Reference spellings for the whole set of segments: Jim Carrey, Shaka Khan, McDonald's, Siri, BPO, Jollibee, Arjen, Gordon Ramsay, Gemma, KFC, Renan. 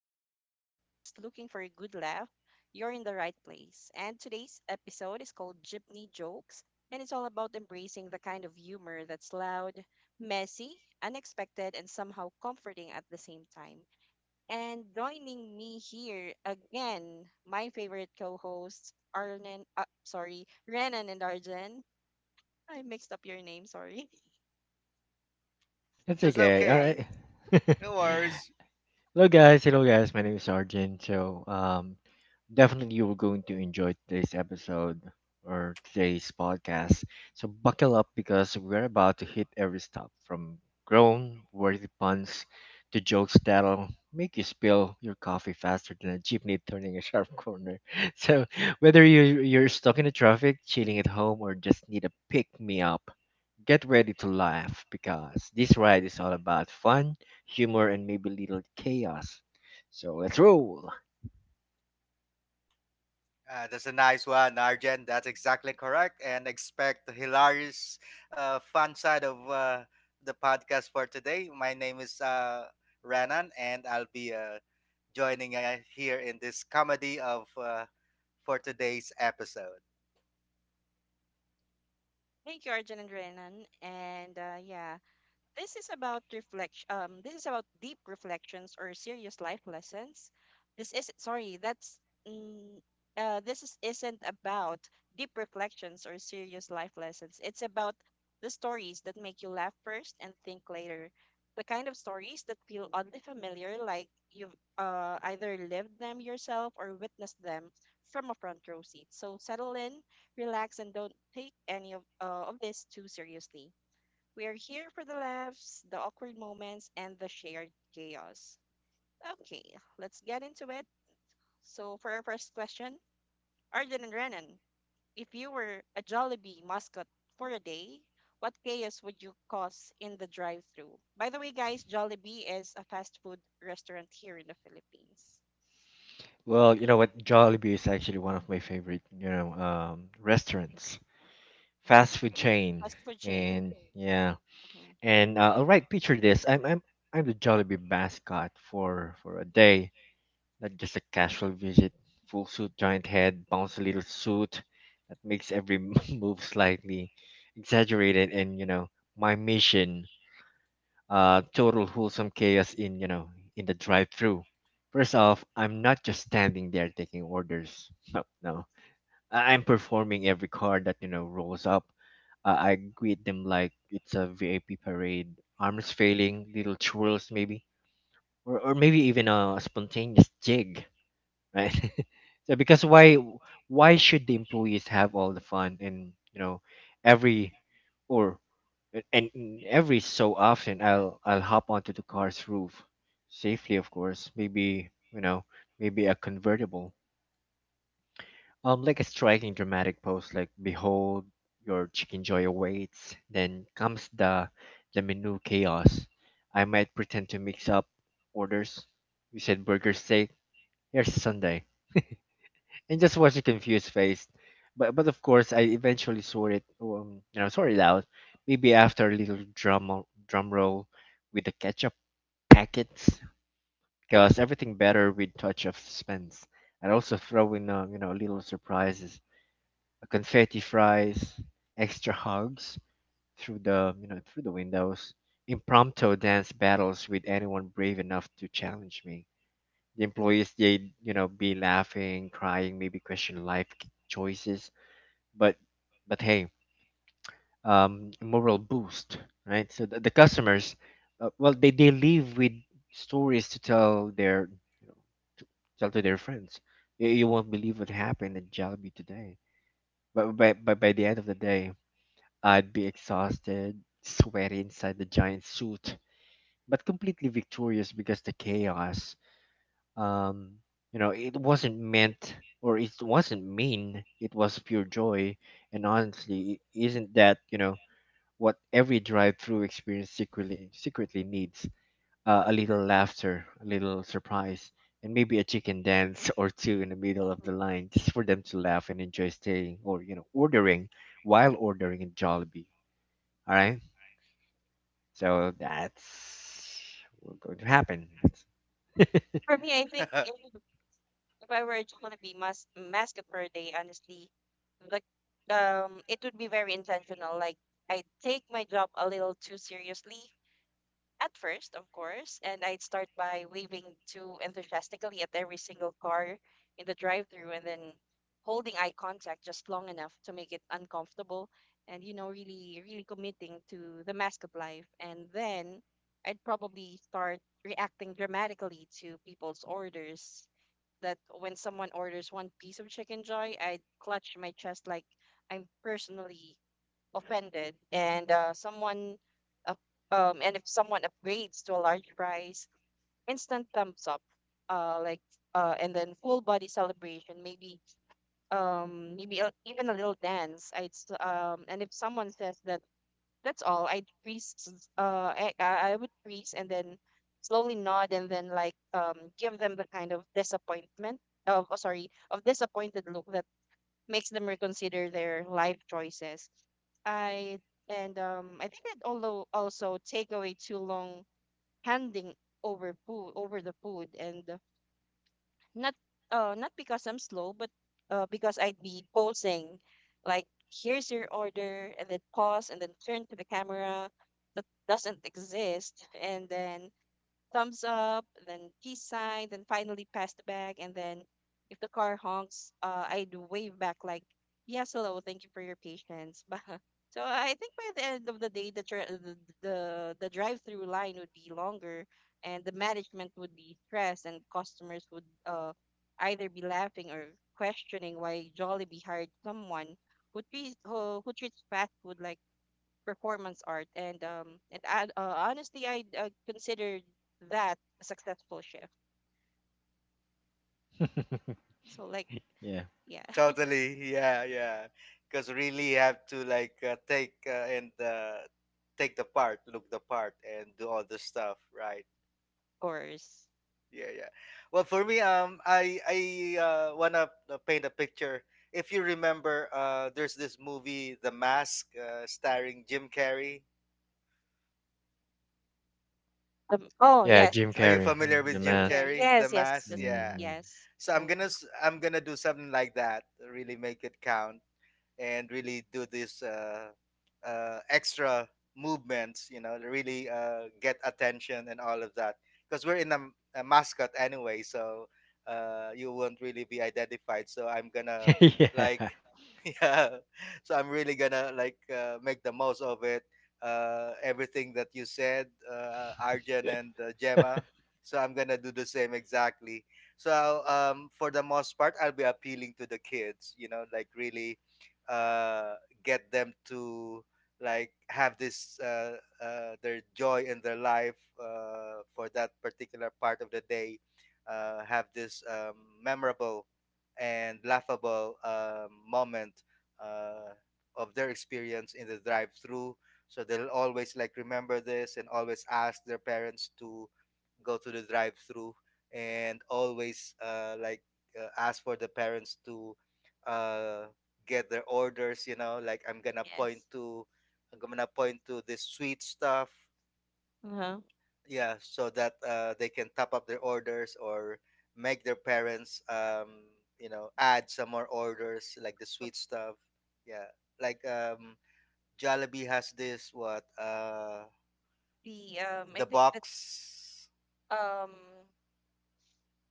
waiting for food, or just looking for a good laugh, you're in the right place. And today's episode is called Gypney Jokes, and it's all about embracing the kind of humor that's loud, messy, unexpected, and somehow comforting at the same time. And joining me here again, my favorite co-hosts, Arlen, sorry, Renan and Arjen. I mixed up your name, sorry. That's That's Hi, okay. All okay. guys. right. No worries. Hello guys, hello guys. My name is Arjun. Definitely you're going to enjoy today's episode or today's podcast. So buckle up because we're about to hit every stop from grown worthy puns to jokes that'll make you spill your coffee faster than a jeepney turning a sharp corner. So whether you're stuck in the traffic, chilling at home, or just need a pick me up, get ready to laugh because this ride is all about fun humor, and maybe a little chaos. So let's roll. That's a nice one, Arjen. That's exactly correct. And expect the hilarious, fun side of the podcast for today. My name is Renan, and I'll be joining here in this comedy of for today's episode. Thank you, Arjun and Renan. And yeah, this is about reflection. This is about deep reflections or serious life lessons. This is sorry. Mm, this isn't about deep reflections or serious life lessons. It's about the stories that make you laugh first and think later. The kind of stories that feel oddly familiar, like you've either lived them yourself or witnessed them from a front row seat. So settle in, relax, and don't take any of this too seriously, we are here for the laughs, the awkward moments, and the shared chaos. Okay, let's get into it. So, for our first question, Arjun and Renan, if you were a Jollibee mascot for a day, what chaos would you cause in the drive through? By the way, guys, Jollibee is a fast food restaurant here in the Philippines. Well, you know what? Jollibee is actually one of my favorite, restaurants, Mhm. fast food chain, Fast food chain. and yeah, Mhm. and all right, picture this. I'm the Jollibee mascot for a day, not just a casual visit. Full suit, giant head, bouncy little suit that makes every move slightly exaggerated, and my mission total wholesome chaos in in the drive-through. First off, I'm not just standing there taking orders. No, no, I'm performing every car that rolls up. I greet them like it's a VIP parade. Arms failing, little twirls maybe, or maybe even a spontaneous jig, right? So because why should the employees have all the fun and every or every so often I'll hop onto the car's roof, safely of course, maybe maybe a convertible, like a striking dramatic pose, like, behold, your chicken joy awaits. Then comes the menu chaos. I might pretend to mix up orders. You said burger steak, here's sunday, and just watch a confused face. But of course, I eventually swore it, swore it out. Maybe after a little drum roll with the ketchup packets, because everything better with touch of suspense. I'd also throw in, little surprises, confetti fries, extra hugs through the, through the windows, impromptu dance battles with anyone brave enough to challenge me. The employees, they, you know, be laughing, crying, maybe question life choices, but but hey, moral boost, right? So the customers, well, they leave with stories to tell their you know to tell to their friends. You won't believe what happened at Jollibee today. But by the end of the day, I'd be exhausted, sweaty inside the giant suit, but completely victorious because the chaos. Um, it wasn't meant or it wasn't mean. It was pure joy and honestly, isn't that what every drive-through experience secretly needs: a little laughter, a little surprise, and maybe a chicken dance or two in the middle of Mm. the line, just for them to laugh and enjoy staying or ordering while ordering in Jollibee. All right, so that's what's going to happen. That's- For me, I think it would if I were to gonna be mask up for a day, honestly, like it would be very intentional. Like I would take my job a little too seriously at first, of course, and I'd start by waving too enthusiastically at every single car in the drive-through, and then holding eye contact just long enough to make it uncomfortable, and you know, really, really committing to the mask up life, and then. I'd probably start reacting dramatically to people's orders that when someone orders one piece of chicken joy, I clutch my chest like I'm personally offended. And up, and if someone upgrades to a large fries, instant thumbs up. Uh, like and then full body celebration. Maybe even a little dance. I And if someone says that that's all. I freeze. I would freeze and then slowly nod and then give them the kind of disappointment of oh, sorry of disappointed look that makes them reconsider their life choices. I I think I'd also also take away too long handing over food over the food, and not not because I'm slow, but because I'd be posing like, "Here's your order," and then pause and then turn to the camera that doesn't exist and then thumbs up, then peace sign, then finally pass the bag, and then if the car honks, I'd wave back like, "Yes, hello, thank you for your patience." But so I think by the end of the day, the, the drive through line would be longer, and the management would be stressed, and customers would either be laughing or questioning why Jollibee hired someone who treats fast food like performance art. Honestly, I considered that a successful shift. So like yeah, yeah, of Totally, yeah, yeah. Because really, you have to like take and take the part, look the part, and do all the stuff, right? course. Yeah, yeah. Well, for me, I wanna paint a picture if you remember there's this movie The Mask starring Jim Carrey. Oh yeah, yes, Jim Are you Carrey, familiar mm, The with Jim Jim Mask. Carrey. Carrey, The Yes, yes, Mask? Yeah, Hmm. yes, so the i'm gonna movie. s- i'm gonna do something like that, really make it count and really do this extra movements, you know, to really get attention and all of that. Because we're in a mascot anyway, so you won't really be identified. So I'm gonna Yeah. like yeah, so I'm really gonna like make the most of it, everything that you said Arjun and Gemma. So I'm gonna do the same exactly. So for the most part, I'll be appealing to the kids, you know, like really uh get them to like have this their joy in their life for that particular part of the day, have this memorable and laughable moment uh, of their experience in the drive-through. So they'll always like remember this and always ask their parents to go to the drive-through and always like ask for the parents to uh, get their orders. You know, like I'm gonna point Yes. to. I'm gonna point to this sweet stuff, Uh-huh. yeah, so that they can top up their orders or make their parents you know, add some more orders like the sweet stuff, yeah, like Jollibee has this, what The I the think that's box, um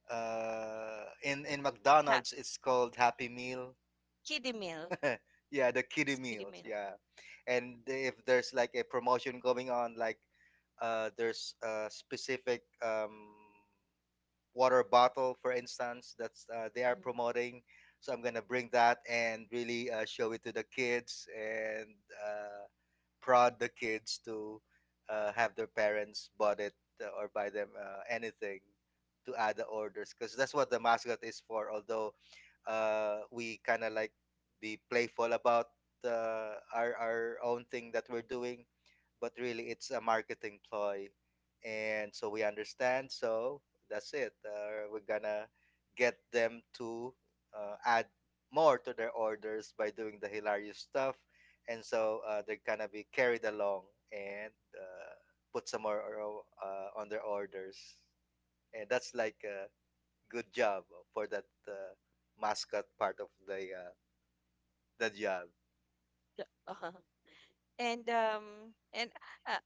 in ha- McDonald's it's called Happy Meal. Kiddie Meal. Yeah, the kiddie It's Kiddie meals, Meal. yeah. And if there's like a promotion going on, like there's a specific water bottle, for instance, that's they are Hmm. promoting. So I'm gonna bring that and really show it to the kids and uh, prod the kids to have their parents bought it, or buy them anything to add the orders, because that's what the mascot is for. Although we kind of like be playful about our own thing that we're doing, but really it's a marketing ploy, and so we understand. So that's it, we're gonna get them to add more to their orders by doing the hilarious stuff, and so they're gonna be carried along and put some more on their orders, and that's like a good job for that mascot part of the job. Uh-huh. And um and uh,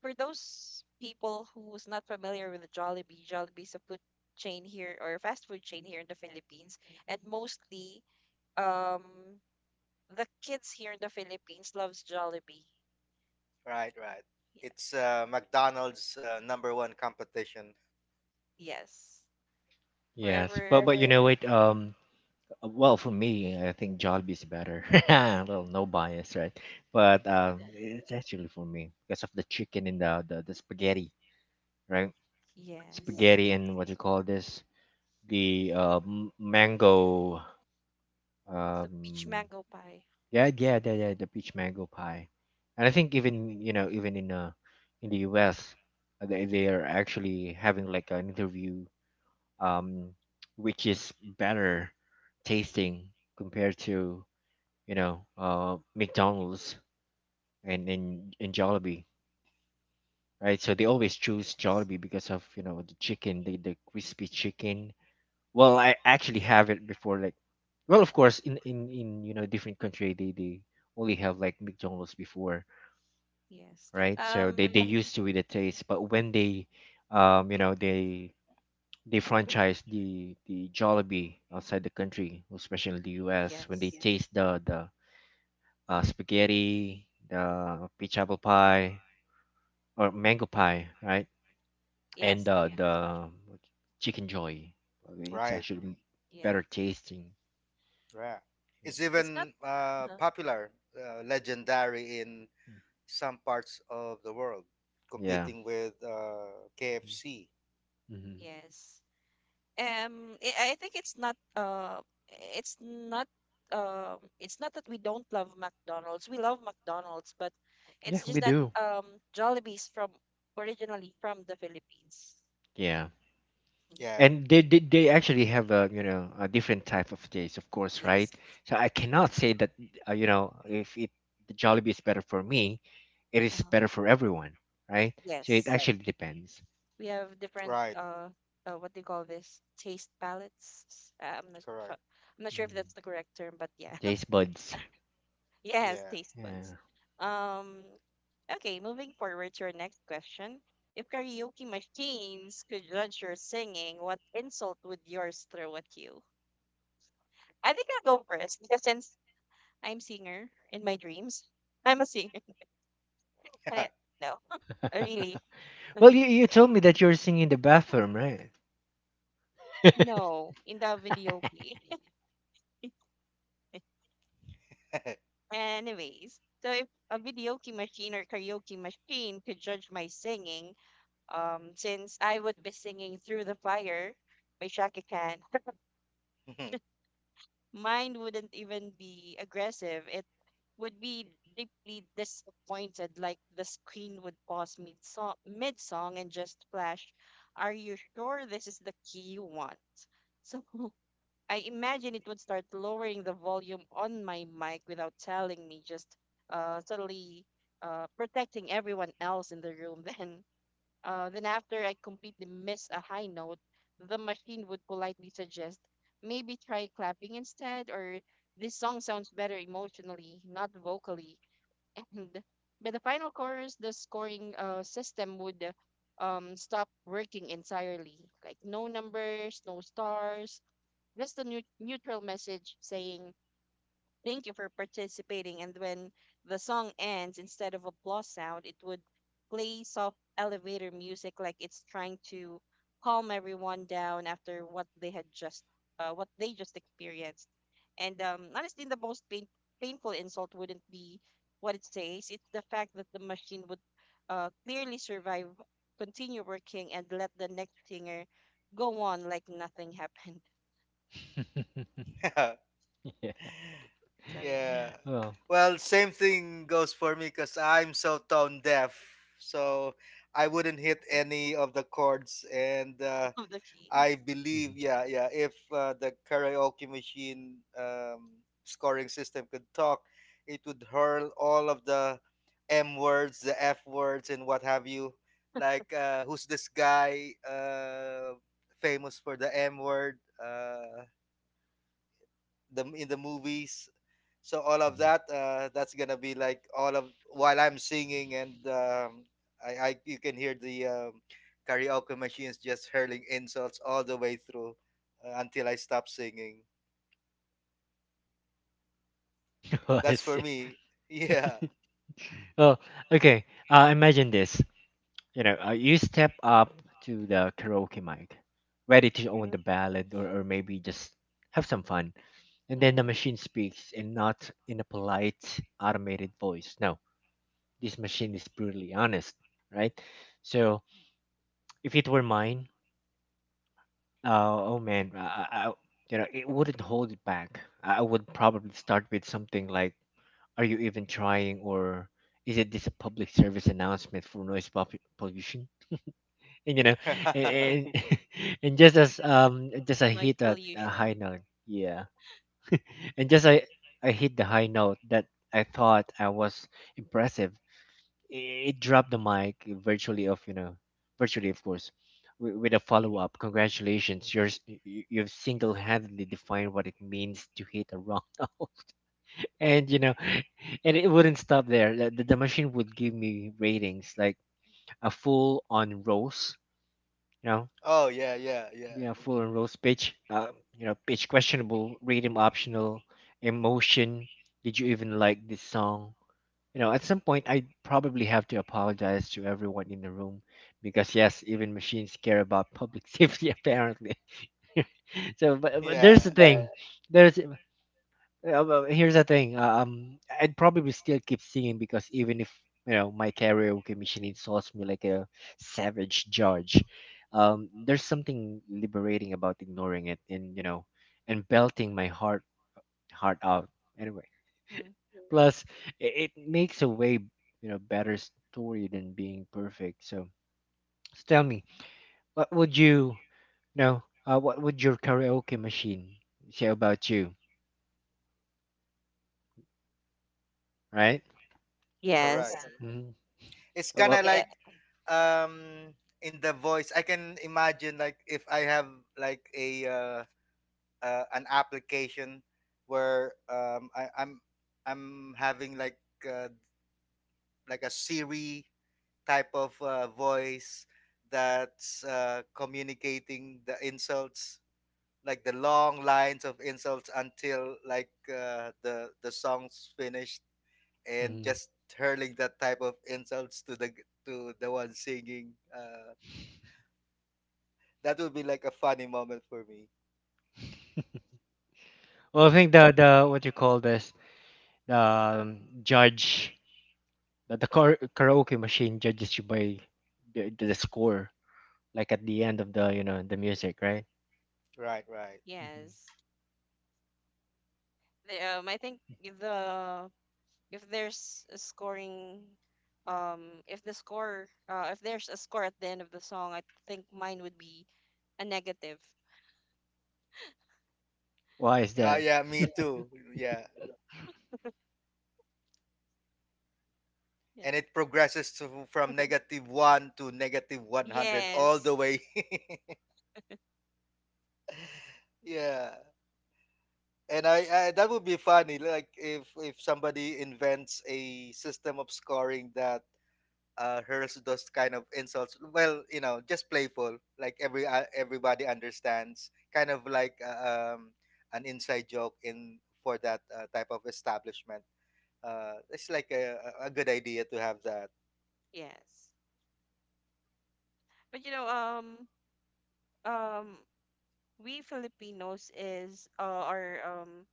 for those people who's not familiar with Jollibee, Jollibee is a food chain here or a fast food chain here in the Philippines, and mostly um the kids here in the Philippines loves Jollibee. Right, right. Yeah. It's McDonald's number one competition, Yes. Yes, but Wherever, but you know what? Well, for me, I think Jollibee is better. Well, no bias, right? But it's actually for me because of the chicken and the spaghetti, right? yes, Spaghetti it's and what you sweet. call this? The mango. The peach Um, mango pie. yeah, yeah, yeah, yeah, the peach mango pie. And I think even even in the U.S. They are actually having like an interview um which is better tasting compared to McDonald's and Jollibee, right? So they always choose Yes. Jollibee because of the chicken, the crispy chicken. Well, I actually have it before, like, well, of course, in different country they only have like McDonald's before, Yes. right? So they mhm used to with the taste, but when they, um, you know they they franchise the Jollibee outside the country, especially the U.S. When they, Yes. yeah, taste the spaghetti, the peach apple pie or mango pie, right? And Yes. The chicken joy. I mean, it's right. actually better Yes. tasting. Yeah. Yeah. It's It's not. even uh popular, legendary in Mm. some parts of the world, Yeah. competing with KFC. Hmm. Yes. I think it's not it's not that we don't love McDonald's, we love McDonald's, but Yeah, it's we just that do. um Jollibee's from originally from the Philippines. Yeah. Mhm. Yeah, And they actually have a a different type of taste, of course, right? Yes. So I cannot say that if it the Jollibee is better for me, it uh, is better for everyone, right? So it yes, actually depends. we have different right, what do you call this, taste palettes. uh, i'm not correct. fa- i'm not sure if Mm. that's the correct term, but yeah. Taste buds. Yes, Yeah. taste buds. Yeah. Um, okay, moving forward to our next question. If karaoke machines could judge your singing, what insult would yours throw at you? I think I'll go first because since I'm singer in my dreams, I'm a singer. Eh, no, really. Well, you told me that you're singing in the bathroom, right? No, in the videoke. Anyways, so if a videoke machine or karaoke machine could judge my singing, since I would be singing through the fire by Shaka Khan, mine wouldn't even be aggressive. It would be deeply disappointed, like the screen would pause mid song and just flash, "Are you sure this is the key you want?" So I imagine it would start lowering the volume on my mic without telling me, just subtly protecting everyone else in the room. Then after I completely miss a high note, the machine would politely suggest, "Maybe try clapping instead," or, "This song sounds better emotionally, not vocally." And by the final chorus, the scoring system would stop working entirely. Like no numbers, no stars, just a neutral message saying, "Thank you for participating." And when the song ends, instead of applause sound, it would play soft elevator music like it's trying to calm everyone down after what they had just what they just experienced. And honestly, the most painful insult wouldn't be what it says. It's the fact that the machine would clearly survive, continue working, and let the next singer go on like nothing happened. Yeah. So yeah, Yeah. Well. Well, same thing goes for me because I'm so tone deaf. So I wouldn't hit any of the chords and of the keys. I believe, Mhm. yeah, yeah. If the karaoke machine scoring system could talk, it would hurl all of the M words, the F words, and what have you. Like, who's this guy famous for the M word? The in the movies. So all of Mhm. that, that's gonna be like all of while I'm singing and I you can hear the karaoke machines just hurling insults all the way through until I stop singing. Oh, I That's for see. me. Yeah. Well, okay. Imagine this. You know, you step up to the karaoke mic, ready to own Hmm. the ballad, or maybe just have some fun. And then the machine speaks, and not in a polite, automated voice. No, this machine is brutally honest, right? So, if it were mine, oh, oh man, I, I- you know, it wouldn't hold it back. I would probably start with something like, "Are you even trying?" or "Is it this a public service announcement for pollution?" And you know, and Mhm. and, and just as just I Noise hit a high pollution. note, yeah, and just I hit the high note that I thought I was impressive. It dropped the mic virtually, of virtually of course, with a follow-up, congratulations, you're you've single-handedly defined what it means to hit a wrong note. And you know, and it wouldn't stop there. The machine would give me ratings like a full on roast, you know, Oh yeah, yeah, yeah, yeah, full on roast. Pitch, pitch questionable, rhythm optional, emotion, did you even like this song? You know, at some point, I probably have to apologize to everyone in the room because, yes, even machines care about public safety, apparently. So, but there's the yeah. thing. Yeah. There's Here's the thing. I'd probably still keep singing because even if my karaoke machine insults me like a savage judge, there's something liberating about ignoring it and and belting my heart out anyway. Mhm. Plus, it makes a way better story than being perfect. So, so tell me, what would you, you know, what would your karaoke machine say about you, right? Correct. Yes. Hmm. It's kind Well, of Yeah. like um in the voice, I can imagine, like if I have like a an application where I'm having uh, like a Siri type of voice that's communicating the insults, like the long lines of insults until like uh, the song's finished and mm. just hurling that type of insults to the one singing, that would be like a funny moment for me. Well, I And s- think the what you call this, the judge, the karaoke machine judges you by the score, like at the end of the the music, right? Right, right. Hmm. yes. I think if there's a scoring, if there's a score at the end of the song, I think mine would be a negative. Why is Ah, that? yeah, me too. Yeah. Yeah. And it progresses to from negative one to negative 100 all Yes. the way. Yeah, and I that would be funny. Like if somebody invents a system of scoring that hurls those kind of insults. Well, you know, just playful. Like every everybody understands. Kind of like an inside joke in for that type of establishment. It's like a good idea to have that. Yes. But you know, um we Filipinos is are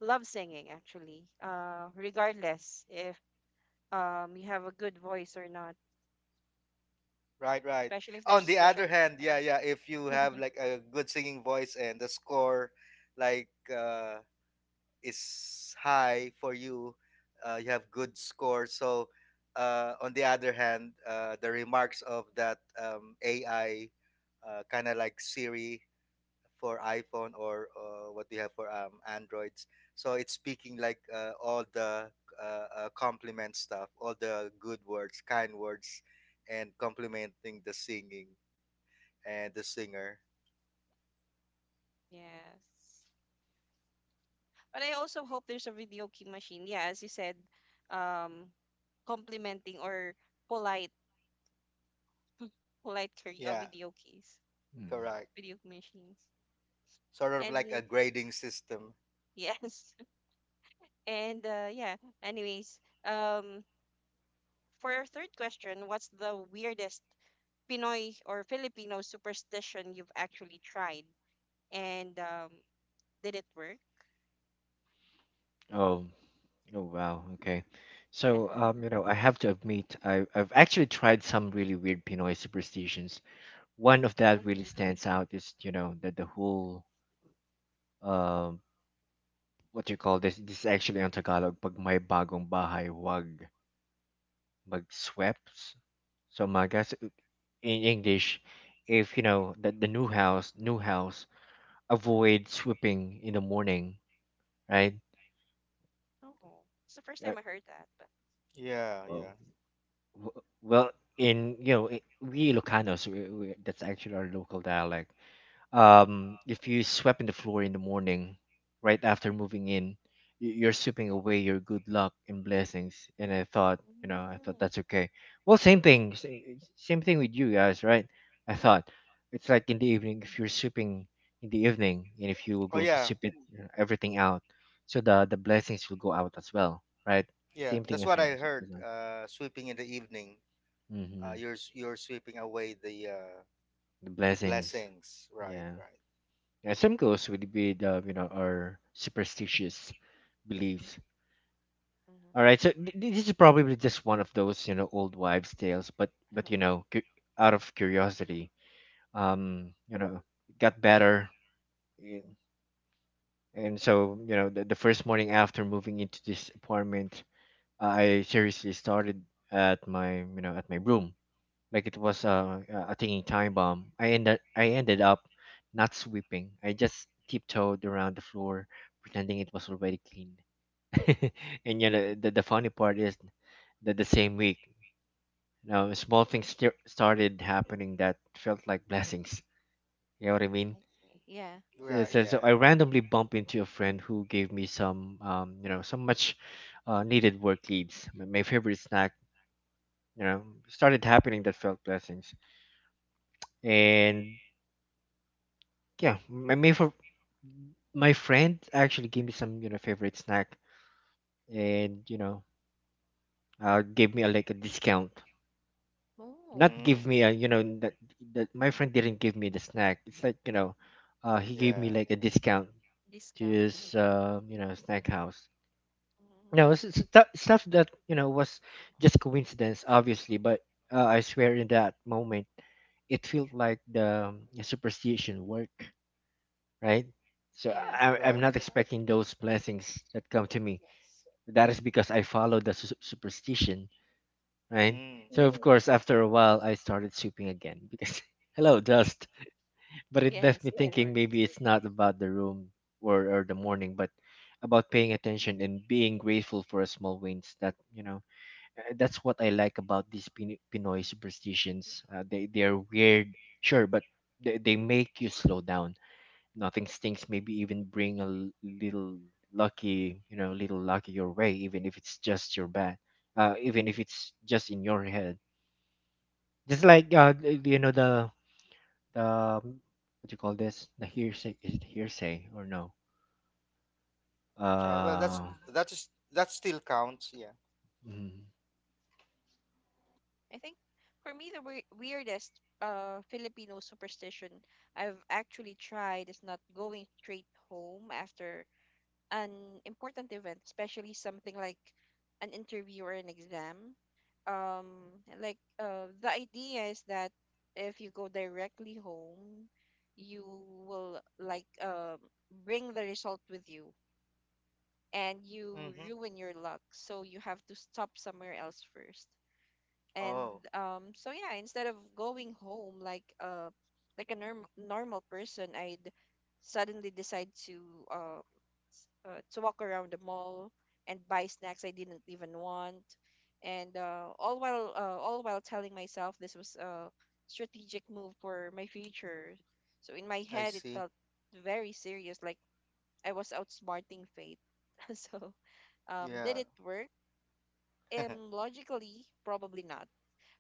love singing actually regardless if you have a good voice or not, Right, right. especially if there's On the special other hand, yeah, occasions. yeah, if you have like a good singing voice and the score like uh is high for you, you have good score. So on the other hand, the remarks of that AI kind of like Siri for iPhone or what do you have for Androids. So it's speaking like all the compliment stuff, all the good words, kind words, and complimenting the singing and the singer. Yes, but I also hope there's a video key machine, yeah, as you said, um complimenting or polite, polite carry Yeah, video keys, Mm. correct. video machines. Sort of like And a grading system. yes. And yeah, anyways, um, for our third question, what's the weirdest Pinoy or Filipino superstition you've actually tried? And did it work? Oh, oh wow, okay. So Yeah. You know, I have to admit, I've actually tried some really weird Pinoy superstitions. One of that really Mm-hmm. stands out is, you know, that the whole um, what do you call this? This is actually on Tagalog. Pag may bagong bahay, wag magswept. So my guess in English, if you know that the new house, avoid sweeping in the morning, right? Oh, it's the first Uh, time I heard that. But Yeah, well, yeah. Well, in you know, we Ilocanos, that's actually our local dialect. If you swept in the floor in the morning, right after moving in, you're sweeping away your good luck and blessings. And I thought, you know, I mm, thought that's okay. Well, same thing with you guys, right? I thought it's like in the evening if you're sweeping in the evening, and if you were Oh going to yeah, sweep it, you know, everything out, so the blessings will go out as well, right? The yeah. same thing That's as yeah. what I well. heard. Sweeping in the evening. Uh, Mm-hmm. you're s- you're sweeping away the The blessings. blessings. Right, Yeah. right. Yeah, some goes with our superstitious beliefs. All right, Mm-hmm. so this is probably just one of those you know old wives' tales, but you Oh, know out of curiosity, you know, it got better, y- and so you know the first morning after moving into this apartment, I seriously started at my at my room like it was a ticking time bomb. I ended up not sweeping. I just tiptoed around the floor, pretending it was already clean. And you know the funny part is that the same week, now small things started happening that felt like blessings. You know what I I mean? see. Yeah. So, Yeah, yeah. I randomly bumped into a friend who gave me some, some much needed work leads. My favorite snack, you know, started happening that felt blessings and yeah, my friend actually gave me some you know favorite snack, and you know, gave me a, like a discount. Oh, Not Mm, give me a you know that that my friend didn't give me the snack. It's like he gave me yeah. like a discount to discount. his snack house. No, Mm-hmm. it's stuff that was Uh-huh. just coincidence, obviously. But I swear, in that moment, it felt like the superstition work, right? So Yeah. I'm Right. not expecting those blessings that come to me. Yes. That is because I followed the superstition, right? Mm. So of course, Yes. after a while, I started sweeping again because hello dust. But it left Yes, me of course. thinking maybe it's not about the room or the morning, but about paying attention and being grateful for a small wins. That's what I like about these Pinoy superstitions. They are weird, sure, but they make you slow down nothing stinks maybe even bring a little lucky little lucky your way even if it's just your bad even if it's just in your head just like the Uh-huh. the what you call this the hearsay is it hearsay or no Well, Oh, that's uh that is that still counts. Yeah. mm, I think for me the weirdest Filipino superstition I've actually tried is not going straight home after an important event, especially something like an interview or an exam. Um, the idea is that if you go directly home, you will bring the result with you and you Mm-hmm. ruin your luck. So you have to stop somewhere else first. And Oh, so yeah, instead of going home like a normal person, I'd suddenly decide to walk around the mall and buy snacks I didn't even want, and all while telling myself this was a strategic move for my future. So in my I head, it see. felt very serious, like I was outsmarting fate. So did Yeah. it work? Logically, probably not.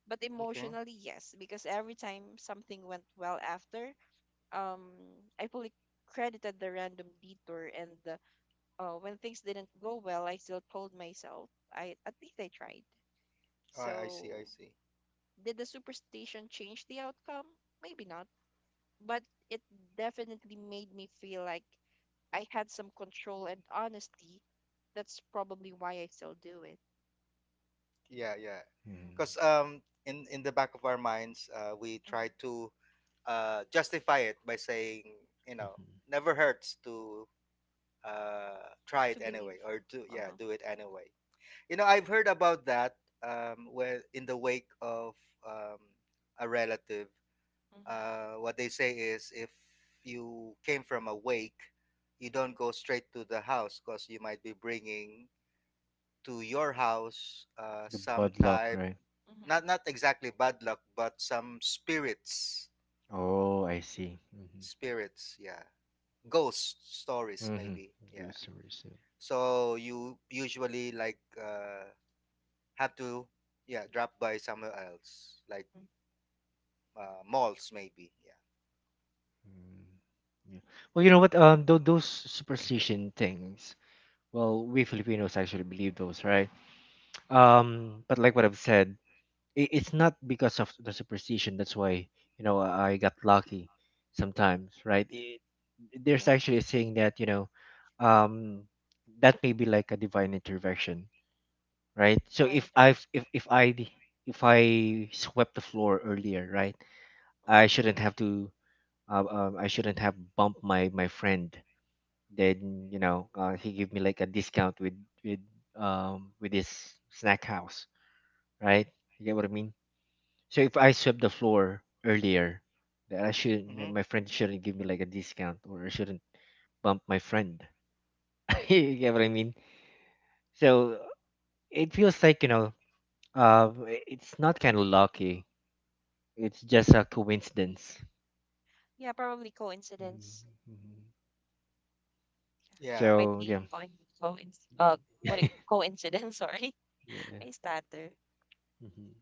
But Okay. emotionally, yes, because every time something went well after, um, I fully credited the random detour. And the when things didn't go well, I still told myself, I at least I tried. Oh, I see. I So, see. did the superstition change the outcome? Maybe not, but it definitely made me feel like I had some control and honesty. That's probably why I still do it. Yeah. Yeah. mm, Because Mm-hmm. In the back of our minds, we try Mm-hmm. to justify it by saying, you know, mhm. never hurts to try it To anyway believe. or do, yeah, Uh-huh. do it anyway. You know, I've heard about that where in the wake of um a relative, Mm-hmm. What they say is if you came from a wake, you don't go straight to the house because you might be bringing to your house The some bad luck, type, right? Mm-hmm. not not exactly bad luck, but some spirits, Oh, I see. Mm-hmm. spirits, yeah, ghost stories Mm-hmm. maybe, yeah. Ghost stories, yeah. So you usually like have to, yeah, drop by somewhere else, like Mm. Malls maybe, yeah, Mm, yeah. Well, you know what th- those superstition things, well, we Filipinos actually believe those, right? But like what I've said, it's not because of the superstition that's why I got lucky sometimes, right? I there's actually Yes. a saying that um that may be like a divine intervention, right? So Find if i interest. if, if I if I swept the floor earlier, right, I Mm-hmm. shouldn't have to I shouldn't have bumped my friend, then he gave me like a discount with with this snack house, right? You get what I mean? So if I swept the floor earlier, that I should my mm-hmm. my friend shouldn't give me like a discount or I shouldn't bump my friend. You get what I mean? So it feels like uh it's not kind of lucky. It's just a coincidence. Yeah, probably Mhm, coincidence. mhm. Yeah, Yeah, it might So be yeah, coinc uh coincidence. Sorry, yeah. I stutter. Mhm.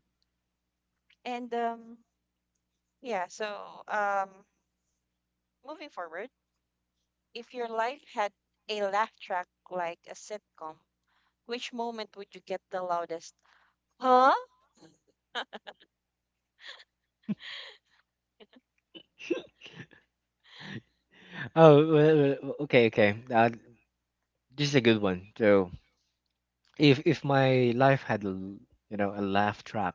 And yeah, so moving forward, if your life had a laugh track like a sitcom, which moment would you get the loudest? Huh? Oh, well, well, okay, okay. This is a good one. So, if my life had a a laugh track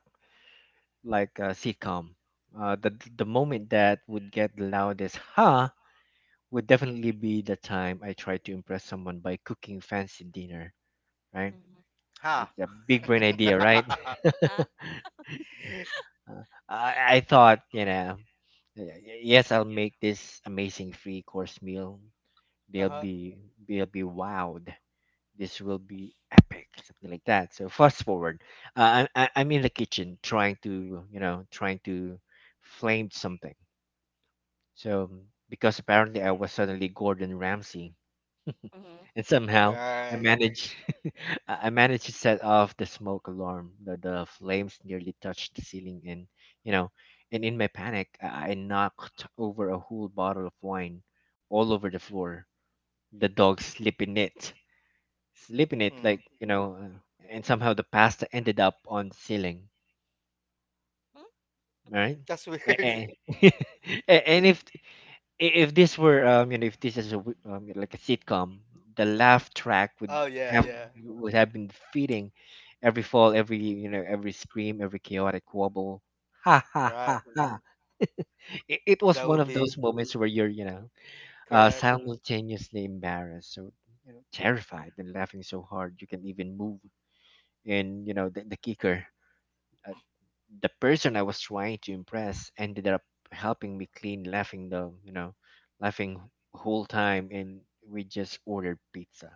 like a sitcom, the moment that would get the loudest ha would definitely be the time I try to impress someone by cooking fancy dinner, right? Hmm. huh. It's a big brain idea, right? Huh? I thought, yes, I'll make this amazing three course meal, they'll Uh-huh. be they'll be wowed, this will be epic something like that. So fast forward, I'm in the kitchen trying to trying to flame something. So because apparently I was suddenly Gordon Ramsay and Mm-hmm. somehow I Right. managed I managed to set off the smoke alarm, the flames nearly touched the ceiling, and you know and in my panic I knocked over a whole bottle of wine all over the floor, the dog slipped in it, sleep in it, Hmm. like and somehow the pasta ended up on the ceiling, right? That's weird. And and if this were if this is a like a sitcom, the laugh track Oh yeah, yeah. would have been feeding every fall, every you know every scream, every chaotic wobble. Ha ha ha Right. ha. It was That one would of be those moments where you're correct. simultaneously embarrassed, so terrified, and laughing so hard you can even move. And the kicker, uh, the person I was trying to impress ended up helping me clean laughing the laughing whole time, and we just ordered pizza.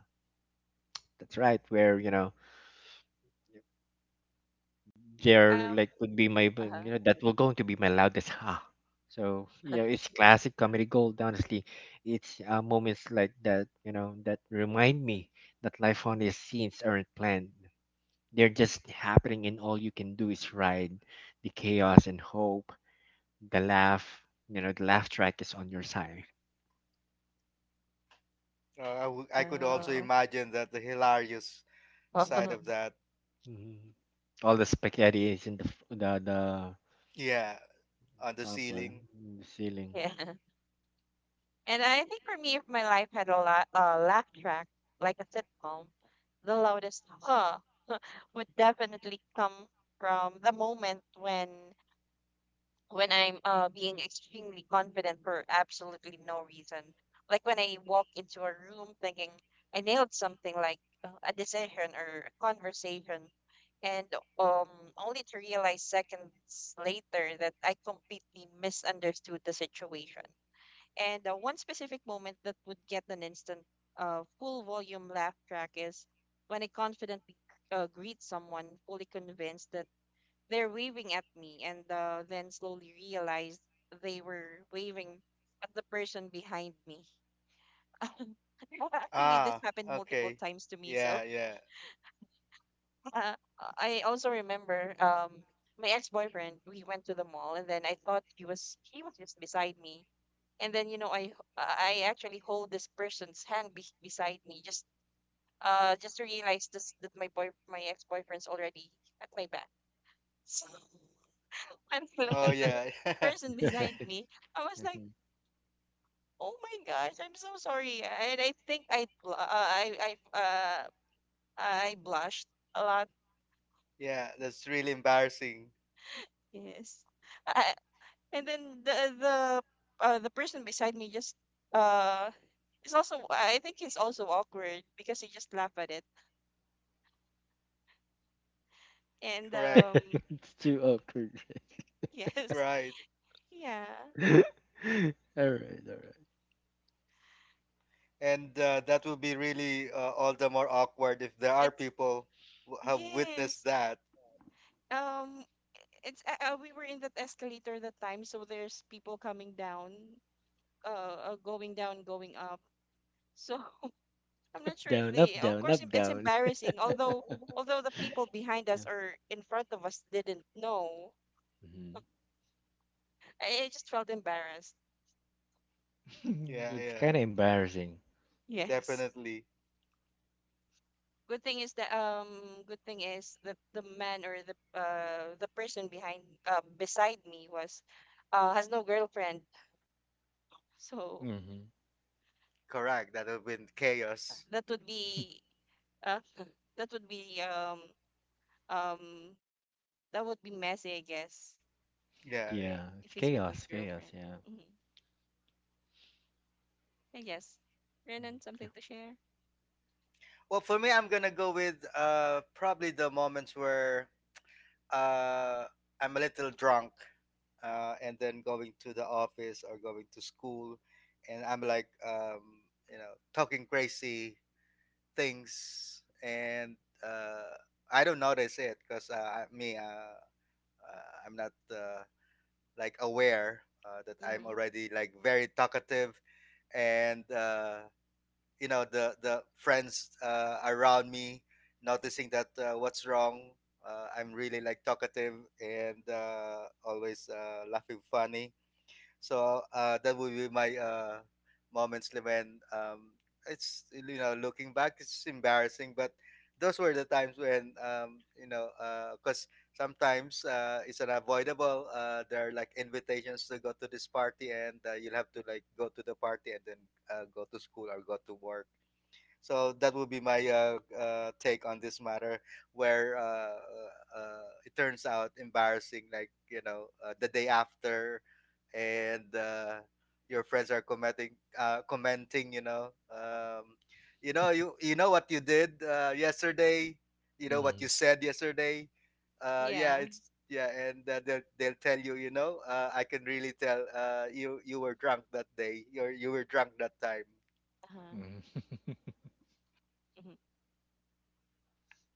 That's right where Um, there like would be my uh-huh. That was going to be my loudest ha. So it's classic comedy gold, honestly. It's moments like that, that remind me that life on these scenes aren't planned, they're just happening and all you can do is ride the chaos and hope the laugh the laugh track is on your side. Uh, I wou- I could also Oh, imagine that the hilarious side oh, of that. Hmm, all the spaghetti is in the the Yeah, on the top, right? ceiling. In the ceiling. yeah. And I think for me, if my life had a la laugh track, like a sitcom, the loudest huh would definitely come from the moment when I'm being extremely confident for absolutely no reason. Like when I walk into a room thinking I nailed something like a decision or a conversation, and um only to realize seconds later that I completely misunderstood the situation. And one specific moment that would get an instant full volume laugh track is when I confidently greet someone, fully convinced that they're waving at me, and then slowly realize they were waving at the person behind me. Well, actually, this Ah, happened multiple okay. times to me. So Yeah, yeah. uh, I also remember, my ex boyfriend. We went to the mall, and then I thought he was just beside me. And then I actually hold this person's hand, beside me, just to realize this, that my ex-boyfriend's already at my back. So when I look Oh at that yeah. person beside Right. me, I was like, Mhm. oh my gosh, I'm so sorry. And I think I I blushed a lot. Yeah, that's really embarrassing. Yes. I, and then the person beside me, just uh is also — I think it's also awkward because he just laughed at it. And Correct. It's too awkward. yes. Right. Yeah. All right, all right. And that would be really all the more awkward if there are it's people who have witnessed Yes. that. um it's We were in that escalator that time, so there's people coming down, going down, going up, so I'm not sure if Down they — up of down course up it's down. embarrassing. Although the people behind us Yeah. or in front of us didn't know, Mhm. I just felt embarrassed. Yeah, It's yeah. kind of embarrassing. Yes. Definitely. good thing is that um Good thing is that the man, or the person behind, beside me, was — has no girlfriend. So Hmm. Correct. That will been chaos. that would be uh that would be um um that would be messy, I guess, Yeah, yeah. Yeah, if it's he's with his chaos, chaos, girlfriend. yeah. Mm-hmm. I guess. Mm. Renan, Yeah. something to share? Well, for me, I'm gonna go with probably the moments where uh I'm a little drunk, and then going to the office or going to school, and I'm like you know, talking crazy things, and uh I don't notice it because I- me I'm not like aware that I'm Mm-hmm. already like very talkative and you know, the friends around me noticing that what's wrong, I'm really like talkative and always laughing funny. So that would be my moments when it's, you know, looking back it's embarrassing, but those were the times when you know, because sometimes it's unavoidable, there are like invitations to go to this party and you'll have to like go to the party and then go to school or go to work. So that would be my take on this matter, where it turns out embarrassing, like you know, the day after, and your friends are commenting, commenting, you know, you know, you you know what you did yesterday, you know what you Hmm. said yesterday, yeah, Yeah. it's yeah, and they'll tell you, you know, I can really tell you you were drunk that day, you were drunk that time. Uh-huh. Hmm. Mm-hmm.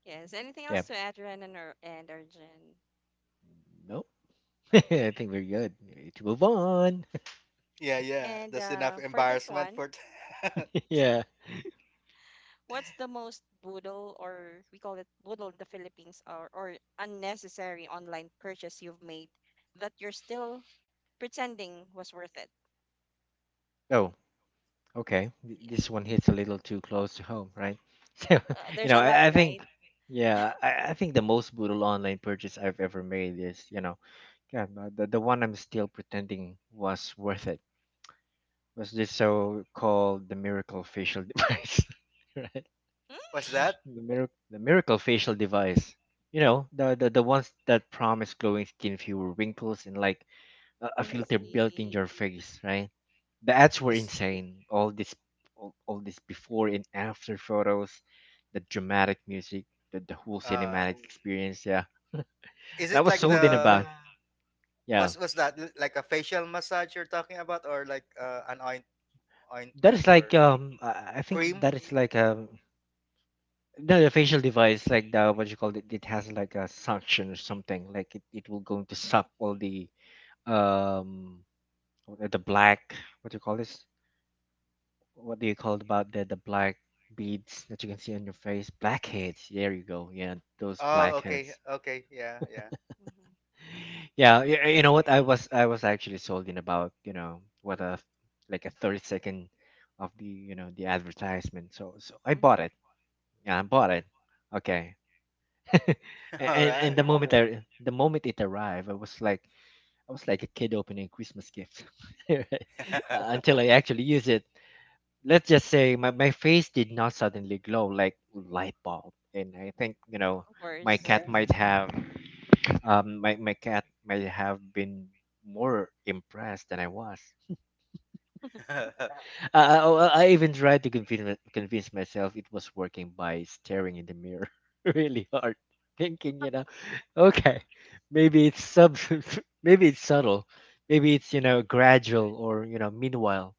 Yes, anything else Yep. to add, Renan or — and Arjun? Nope. I think we're good. Ready to move on. Yeah, yeah. and That's uh enough for this one. embarrassment for. T- Yeah. What's the most boodle, or we call it boodle in the Philippines, or, unnecessary online purchase you've made that you're still pretending was worth it? Oh, okay. Yeah. This one hits a little too close to home, right? So, you There's know, a lot, I, I right? think, yeah, I think the most brutal online purchase I've ever made is, yeah, the one I'm still pretending was worth it was this so-called the miracle facial device, right? Hmm? What's that? The miracle facial device. You know, the ones that promise glowing skin, fewer wrinkles, and like a I filter built in see. your face, right? The ads were Is insane. All this, all this before and after photos, the dramatic music, the whole uh, cinematic experience. Yeah, is and I it was Is like sold in the about. Yeah, what's that? L- Like a facial massage you're talking about, or like an that ointment is like or I think cream? that is like a no, the facial device like the what you call it. It has like a suction or something. Like it will going to suck all um the black. What do you call this? What do you call it about the black beads that you can see on your face? Blackheads. There you go. Yeah, those Oh, okay, blackheads. okay, yeah, yeah. Mm-hmm. Yeah, you know what? I was actually sold in about you know what a like a 30-second of the the advertisement. So so I bought it. Mm-hmm. Yeah, I bought it. Okay. A- All and right. the moment I the moment it arrived, I was like a kid opening a Christmas gift. Until I actually use it. Let's just say my face did not suddenly glow like light bulb, and I think Of my course. cat might have my cat might have been more impressed than I was. Oh, I even tried to convince convince myself it was working by staring in the mirror really hard, thinking okay, maybe it's sub maybe it's subtle, maybe it's gradual, or meanwhile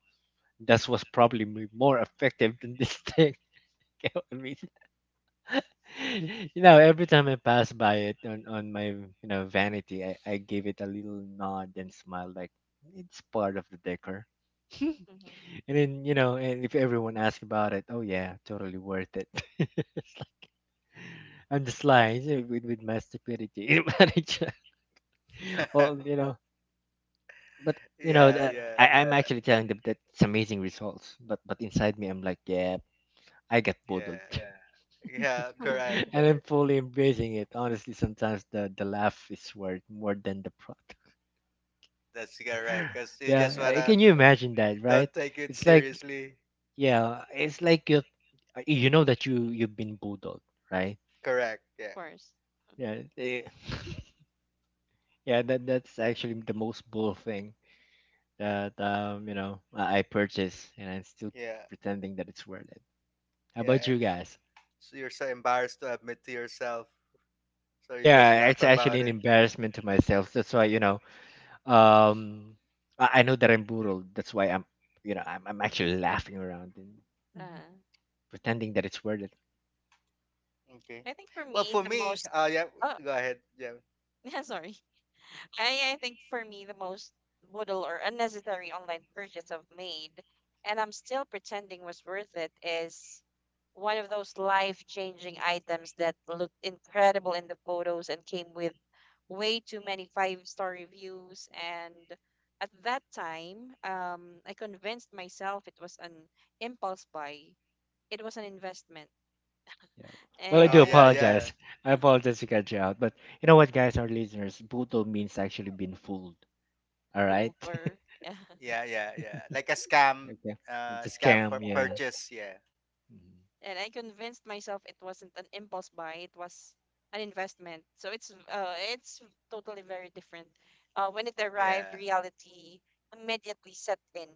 that was probably more effective than this thing. You know what I mean? You know, every time I pass by it on my vanity, I give it a little nod and smile, like it's part of the decor. Mm-hmm. And then and if everyone asks about it, oh yeah, totally worth it. On the sly you with my stupidity, in marriage. Well, but you know, Yeah, that, yeah, I'm actually telling them that it's amazing results, but inside me, I'm like, yeah, I got yeah, boodled. yeah. Of Correct. And I'm fully embracing it. Honestly, sometimes the laugh is worth more than the product. That's correct. Cause you just Yeah, course. wanna can you imagine that, right? don't take it It's like seriously. yeah, it's like you know that you've been bulldog, right? Correct. Of Yeah, course. Yeah, eh, yeah, that that's actually the most bull thing that I purchased, and I'm still yeah, pretending that it's worth it. How yeah. about you And guys? so you're so embarrassed to admit to yourself, so you just Yeah, laugh it's actually about an it. embarrassment to myself. That's why Um, I know that I'm burled. That's why I'm, I'm actually laughing around and Uh, pretending that it's worth it. Okay. I think for Well, me, for the me, most — yeah, oh, go ahead. Yeah. yeah, sorry. I think for me the most brutal or unnecessary online purchase I've made, and I'm still pretending was worth it, is one of those life-changing items that looked incredible in the photos and came with way too many five-star reviews. And at that time, I convinced myself it was an impulse buy. It was an investment, Yeah. Well, I Oh, do yeah, and yeah, apologize. I apologize to cut you out, but you know what, guys, our listeners, buto means actually been fooled. All right. hold or — yeah, yeah, yeah. Like a scam, Okay. It's a scam scam. for Yeah. purchase. Yeah, Mhm. and I convinced myself it wasn't an impulse buy, it was an investment. So it's totally very different. When it arrived, yeah. reality immediately set in.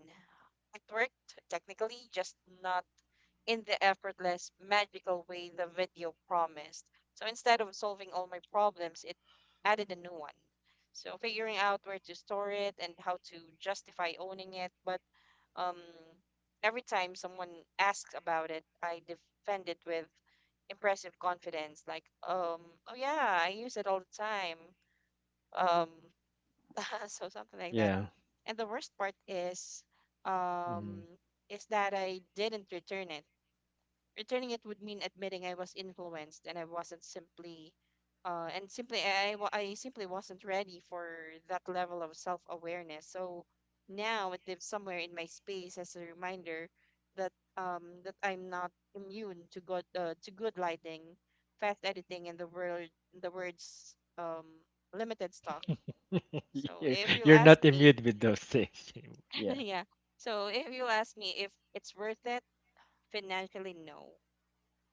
It worked technically, just not in the effortless, magical way the video promised. So instead of solving all my problems, it added a new one. So figuring out where to store it and how to justify owning it, but um every time someone asks about it, I defend it with impressive confidence, like, oh yeah, I use it all the time, um so something like that. Yeah. And the worst part is, um Mhm. is that I didn't return it. Returning it would mean admitting I was influenced and I wasn't simply, and simply I simply wasn't ready for that level of self awareness. So now it lives somewhere in my space as a reminder that I'm not immune to good lighting, fast editing, and the words, limited stock. So you're, if you'll you're ask not me, immune with those things. Yeah. yeah. So if you'll ask me if it's worth it financially, no.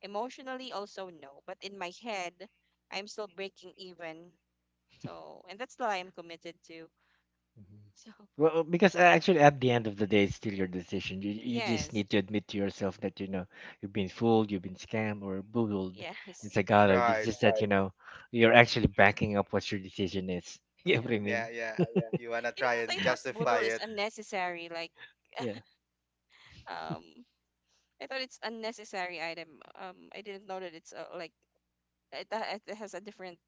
Emotionally, also no. But in my head, I'm still breaking even. So, and that's the lie I'm committed to. Mhm. So, Well, because actually, at the end of the day, it's still your decision. You just yes, need to admit to yourself that you've been fooled, you've been scammed or boodled. It's yes, a dialogue. It's Right. just that you Right. know you're actually backing up what your decision is. You know what yeah. I Yeah, mean? yeah. You wanna You know try what? I and thought justify boodle is it. unnecessary. Like, Yeah, um, I thought it's unnecessary item. I didn't know that it's, like, it has a different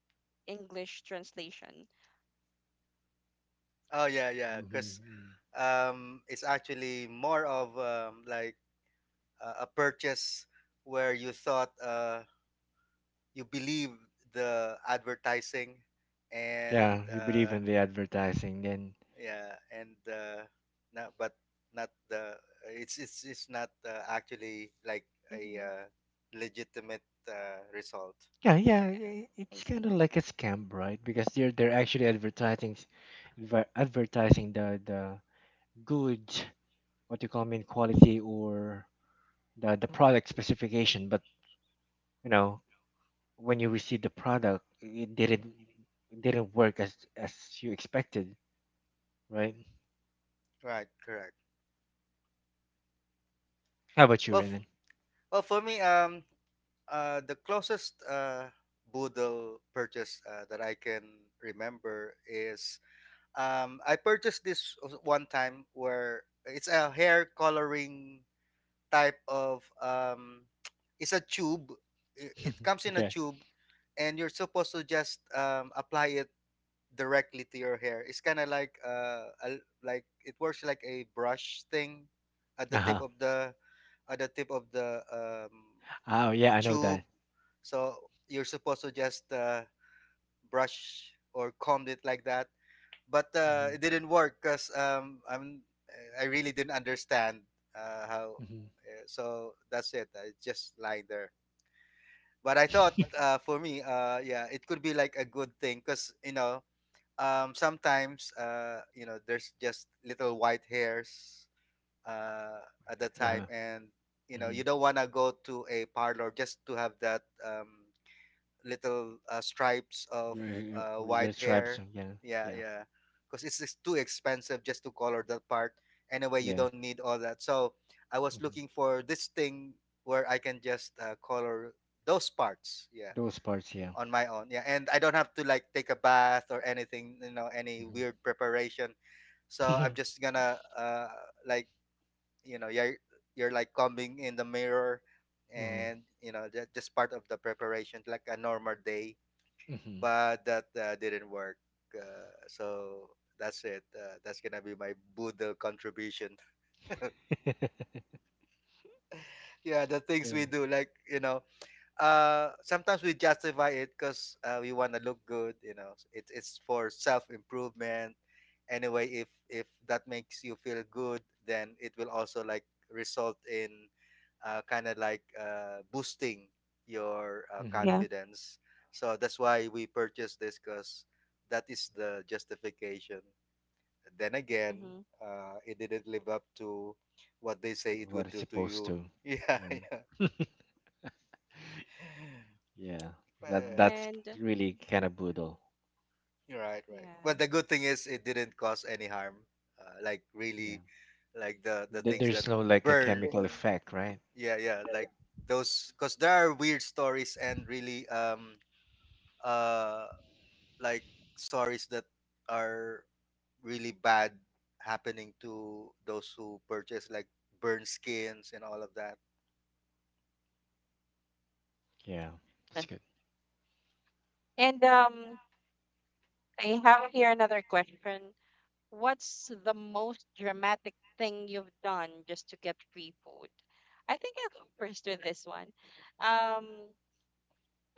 English translation. Oh, yeah, yeah. Cause hmm, it's actually more of like a purchase where you thought you believe the advertising and yeah. You believe in the advertising, then yeah and not but not the it's not actually like a Mm-hmm. uh, legitimate result, yeah, yeah. Yeah, I It's kind see. of like a scam, right? Because they're actually advertising, advertising the good, what you call mean quality or the product specification, but you know when you receive the product it didn't work as you expected, right? right? Correct. How about you, Well, Raymond? For me, the closest boodle purchase that I can remember is, I purchased this one time where it's a hair coloring type of it's a tube. It comes in a Okay. tube, and you're supposed to just apply it directly to your hair. It's kind of like like it works like a brush thing at the tip Uh-huh. of the at the tip of the um, Oh yeah, I know that. tube. So you're supposed to just brush or comb it like that, but Mm-hmm. it didn't work because I really didn't understand how. So that's it. I just lying there. But I thought, Hmm. For me, yeah, it could be like a good thing because you know, sometimes, you know, there's just little white hairs at the Uh-huh. time, and you know, Mm-hmm. you don't want to go to a parlor just to have that. Little stripes of white There's stripes, hair. yeah. Yeah, Yeah, yeah. Because it's too expensive just to color that part. Anyway, you yeah. don't need all that. So I was looking Hmm. for this thing where I can just color those parts. Yeah, Those parts, yeah. on my own. Yeah, and I don't have to like take a bath or anything. You know, any weird preparation. So Mm-hmm. I'm just gonna like you know, you're like combing in the mirror, Hmm. and you know, that just part of the preparation like a normal day. Hmm. But that didn't work. So that's it. That's gonna be my boodle contribution. Yeah, the So, things we do, like, you know, sometimes we justify it because we want to look good. You know, it's for self-improvement. Anyway, if that makes you feel good, then it will also like result in kind of like boosting your hmm, Yeah. confidence. So that's why we purchased this, because that is the justification. Then again, Mm-hmm. It didn't live up to what they say it what would it's do to supposed you. to, Yeah, yeah. yeah. Yeah, that Well, that's And really kind of brutal. right, right. yeah. But the good thing is it didn't cause any harm. Like, really, Yeah. like the things that There's no like a burn. chemical Yeah. effect, right? Yeah, yeah. Like those, because there are weird stories and really uh like stories that are really bad happening to those who purchase like burn skins and all of that. Yeah. That's good. And I have here another question. What's the most dramatic thing you've done just to get free food? I think I'll go first with this one. Um,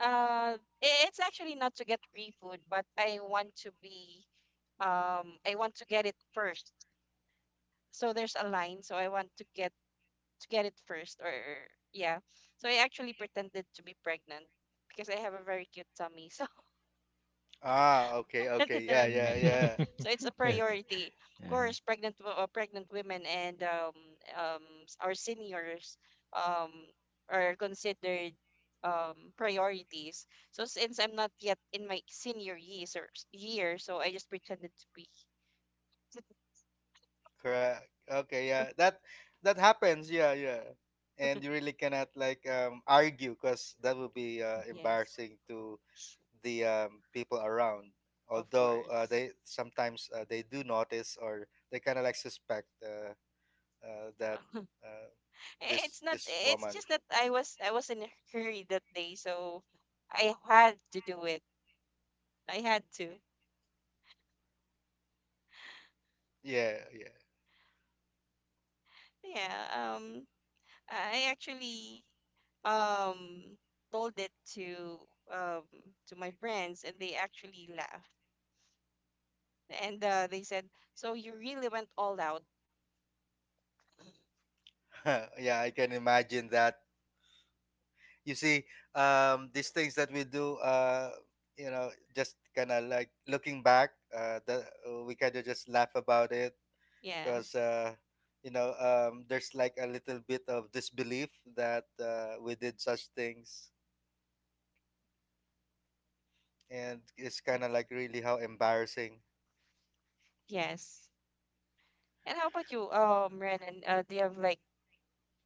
it's actually not to get free food, but I want to be, I want to get it first. So there's a line, so I want to get it first, or yeah. So I actually pretended to be pregnant because I have a very cute tummy. So Ah, okay, okay. that Yeah, I'm Mm. yeah, pregnant. yeah. So it's a Yeah, okay. priority. Of All right. course, pregnant women and, our seniors, um, are considered, priorities. So since I'm not yet in my senior years or year, so I just pretended to be. Correct. Okay, yeah. That that happens. Yeah, yeah. And you really cannot like argue because that would be Yes, embarrassing to the people around. of Although course. they sometimes, they do notice, or they kind of like suspect, that uh, Eh, this it's not. this It's woman. just that I was in a hurry that day, so I had to do it. I had to. Yeah, Yeah. I actually, um told it to, um to my friends and they actually laughed, and they said, so you really went all out. yeah, yeah. I can imagine that. You see, these things that we do, you know, just kind of like looking back, we kind of just laugh about it because Yes. you know, there's like a little bit of disbelief that we did such things, and it's Yep. kind of like, really, how embarrassing. Yes. And how about you, Renan, do you have like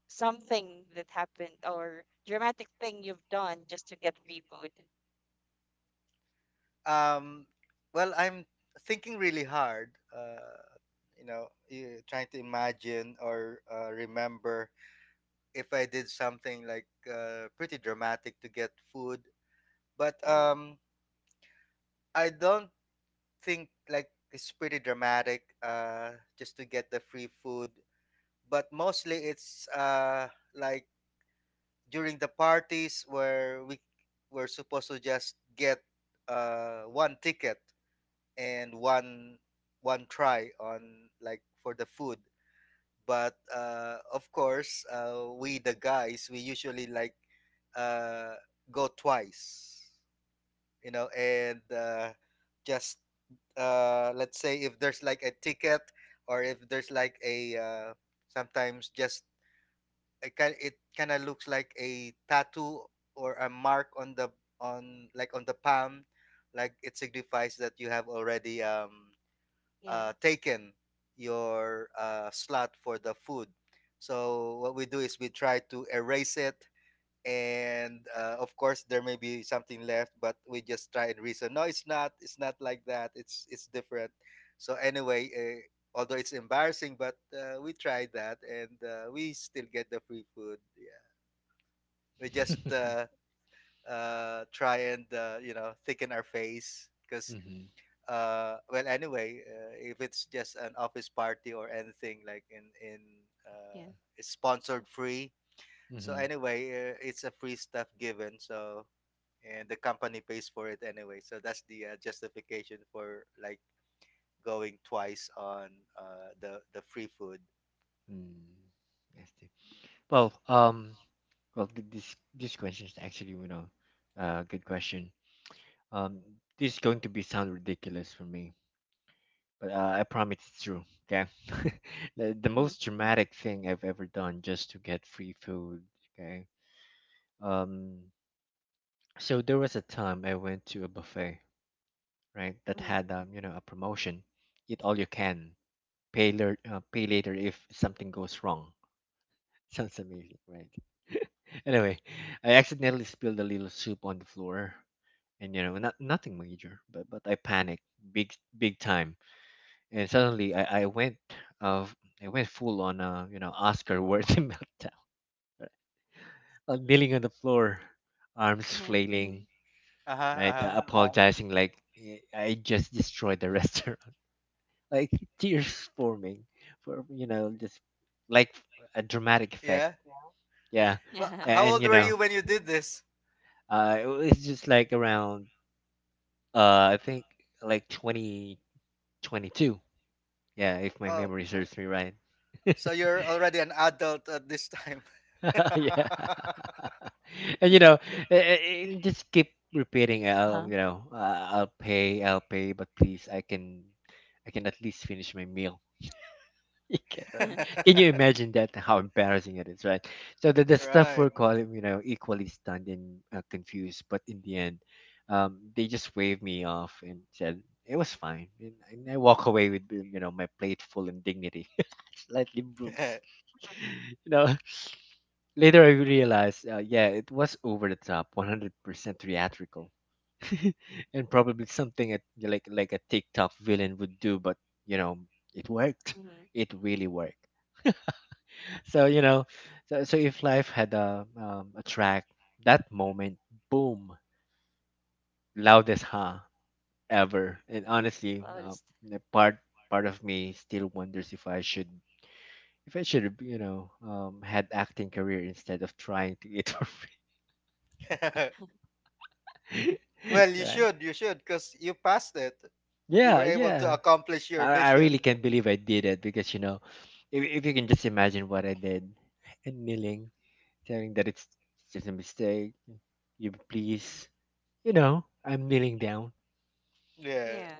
something that happened, or dramatic thing you've done just to get free food? um well, I'm thinking really hard, you know, trying to imagine or remember if I did something like pretty dramatic to get food. But Mm-hmm. I don't think like it's pretty dramatic just to get the free food. But mostly it's like during the parties where we were supposed to just get one ticket and one try on like for the food, but of course, we the guys, we usually like uh, go twice, you know, and just let's say if there's like a ticket or if there's like a sometimes just, it kind of looks like a tattoo or a mark on the on the palm, like it signifies that you have already Yes. taken your slot for the food. So what we do is we try to erase it, and of course, there may be something left, but we just try and reason. No, it's not. It's not like that. It's different. So anyway, although it's embarrassing, but we tried that, and we still get the free food. Yeah, we just try and you know, thicken our face because Mhm. Well, anyway, if it's just an office party or anything, like in uh, Yeah. it's sponsored free. So Mhm. anyway, it's a free stuff given. So, and the company pays for it anyway, so that's the justification for like going twice on the free food. Mm. Nasty. Well, um, well, this question is actually, you know, good question. Um, this is going to be sound ridiculous for me, but I promise it's true. Okay. The Mm-hmm. most dramatic thing I've ever done just to get free food. Okay. Um, so there was a time I went to a buffet, right? That Mm-hmm. had you know, a promotion. Eat all you can. Pay later. Pay later if something goes wrong. Sounds amazing, right? Anyway, I accidentally spilled a little soup on the floor, and you know, nothing major, but I panicked big time, and suddenly I went of I went full on a, you know, Oscar worthy meltdown, right? I'm kneeling on the floor, arms Uh-huh. flailing, Uh-huh, right? Uh-huh. Apologizing like, eh, I just destroyed the restaurant, like tears forming for, you know, just like a dramatic effect. Yeah. Yeah. Well, Yeah. how And old you were know, you when you did this? It was just like around, I think, like 2022, yeah, if my Oh. memory serves me right. So you're already an adult at this time. Yeah. And you know, it it just keep repeating, I'll, Uh-huh. you know, I'll pay, I'll pay, but please I can, I can at least finish my meal. You get what I mean? Can you imagine that? How embarrassing it is, right? So the staff were Right. calling, you know, equally stunned and confused. But in the end, they just waved me off and said it was fine, and I walk away with, you know, my plate full and dignity slightly bruised. You know, later I realized, yeah, it was over the top, 100% theatrical, and probably something a, like a TikTok villain would do. But you know, it worked. Mm-hmm. It really worked. So you know, so, so if life had a track, that moment, boom, loudest huh ever. And honestly, Loudest. the part, part of me still wonders if I should, if I should have, you know, had acting career instead of trying to eat for free. Well, Right? You should, because you passed it. You were Yeah, able to yeah. accomplish your I really mission. can't believe I did it, because you know, if you can just imagine what I did, and kneeling, telling that it's just a mistake, you please. You know, I'm kneeling down. Yeah. Yeah.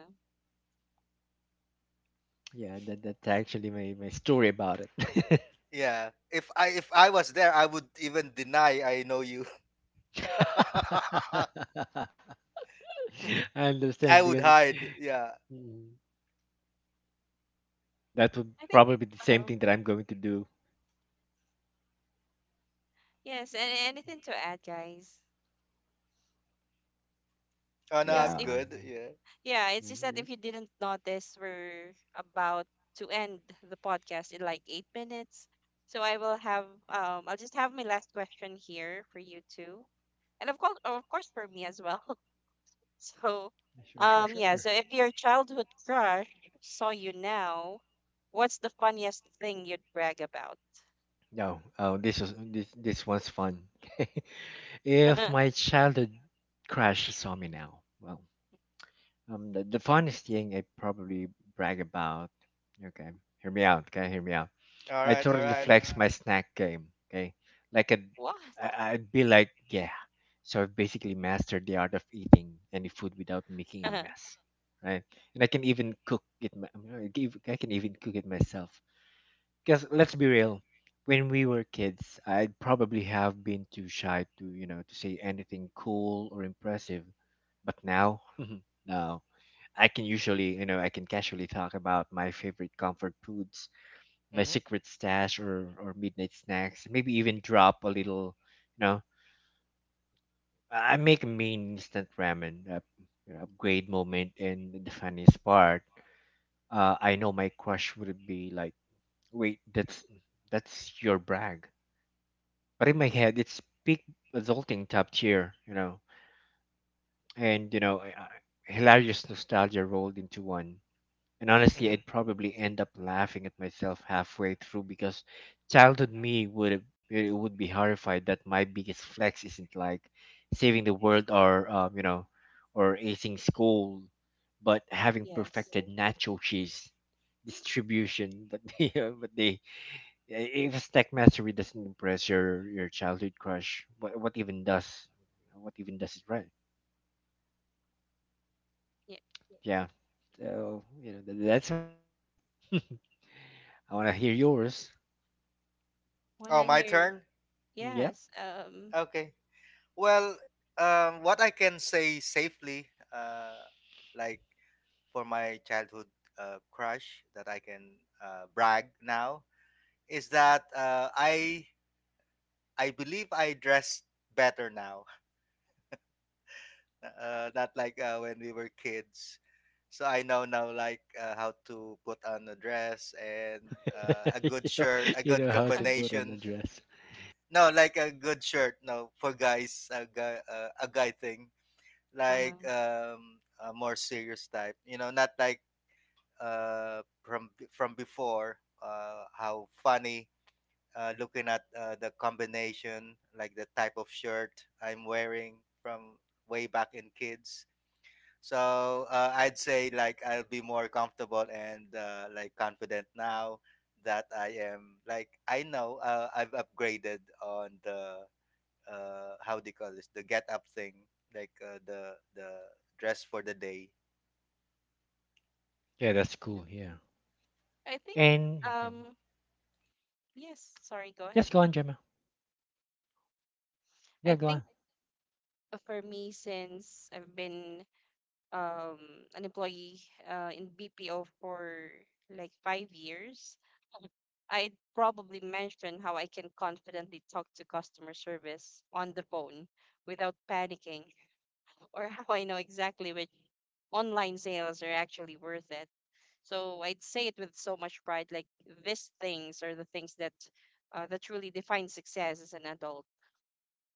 Yeah, that, that's actually my, my story about it. Yeah. If I was there, I would even deny I know you. I I understand I would because, hide. Yeah. mm, that would think, probably be the same uh thing that I'm going to do. yes, and anything to add, guys? Oh no, Because I'm Yeah. if — I good. mean, Yeah. yeah, it's yeah, just that yeah. if you didn't notice, we're about to end the podcast in like 8 minutes. So I'll just have my last question here for you too. And of course for me as well. So Sure, sure, sure. yeah, Sure. so if your childhood crush saw you now, what's the funniest thing you'd brag about? No, oh, this was this this one's fun. If Okay. my childhood crush saw me now, well, the funnest thing I probably brag about. Okay, hear me out. Okay, hear me out. All I right. All totally right. flex my snack game. Okay, like I'd, What? I'd be like, yeah. So I've basically mastered the art of eating any food without making a mess, right? And I can even cook it. I mean, I can even cook it myself. Because let's be real, when we were kids, I'd probably have been too shy to, you know, to say anything cool or impressive. But now, now I can usually, you know, I can casually talk about my favorite comfort foods, my Mm-hmm. secret stash or midnight snacks. Maybe even drop a little. You know, I make a mean instant ramen, you know, upgrade moment, and the funniest part, I know my crush would be like, "Wait, that's your brag," but in my head, it's peak adulting, top tier. You know, and you know, hilarious nostalgia rolled into one. And honestly, Mm-hmm. I'd probably end up laughing at myself halfway through because childhood me would have, it would be horrified that my biggest flex isn't like saving the world, or you know, or acing school, but having Yes. perfected nacho cheese distribution. But they, but they if a snack mastery doesn't impress your childhood crush, what even does, what even does it, right? Yeah. Yeah. So you know, that's my story. I want to hear yours. Oh, Wanna my hear — turn. Yeah. yes. Okay. Well, what I can say safely, like for my childhood crush that I can brag now, is that, I believe I dress better now, not like when we were kids. So I know now like how to put on a dress and a good You know, shirt, a you good know how to put an combination. address. No, like a good shirt. No, for guys, a guy thing like uh-huh. A more serious type. You know, not like from before. How funny! Looking at the combination, like the type of shirt I'm wearing from way back in kids. So I'd say like I'll be more comfortable and like confident now that I am, like, I know I've upgraded on the how they call this, the get up thing, like the dress for the day. Yeah, that's Yeah. cool. Yeah. I think, And yeah. um, yes, sorry, go ahead. Yes, go on, Gemma. I Yeah, go on. think, for me, since I've been, um an employee, in BPO for like 5 years, I'd probably mention how I can confidently talk to customer service on the phone without panicking, or how I know exactly which online sales are actually worth it. So I'd say it with so much pride, like, these things are the things that truly define success as an adult.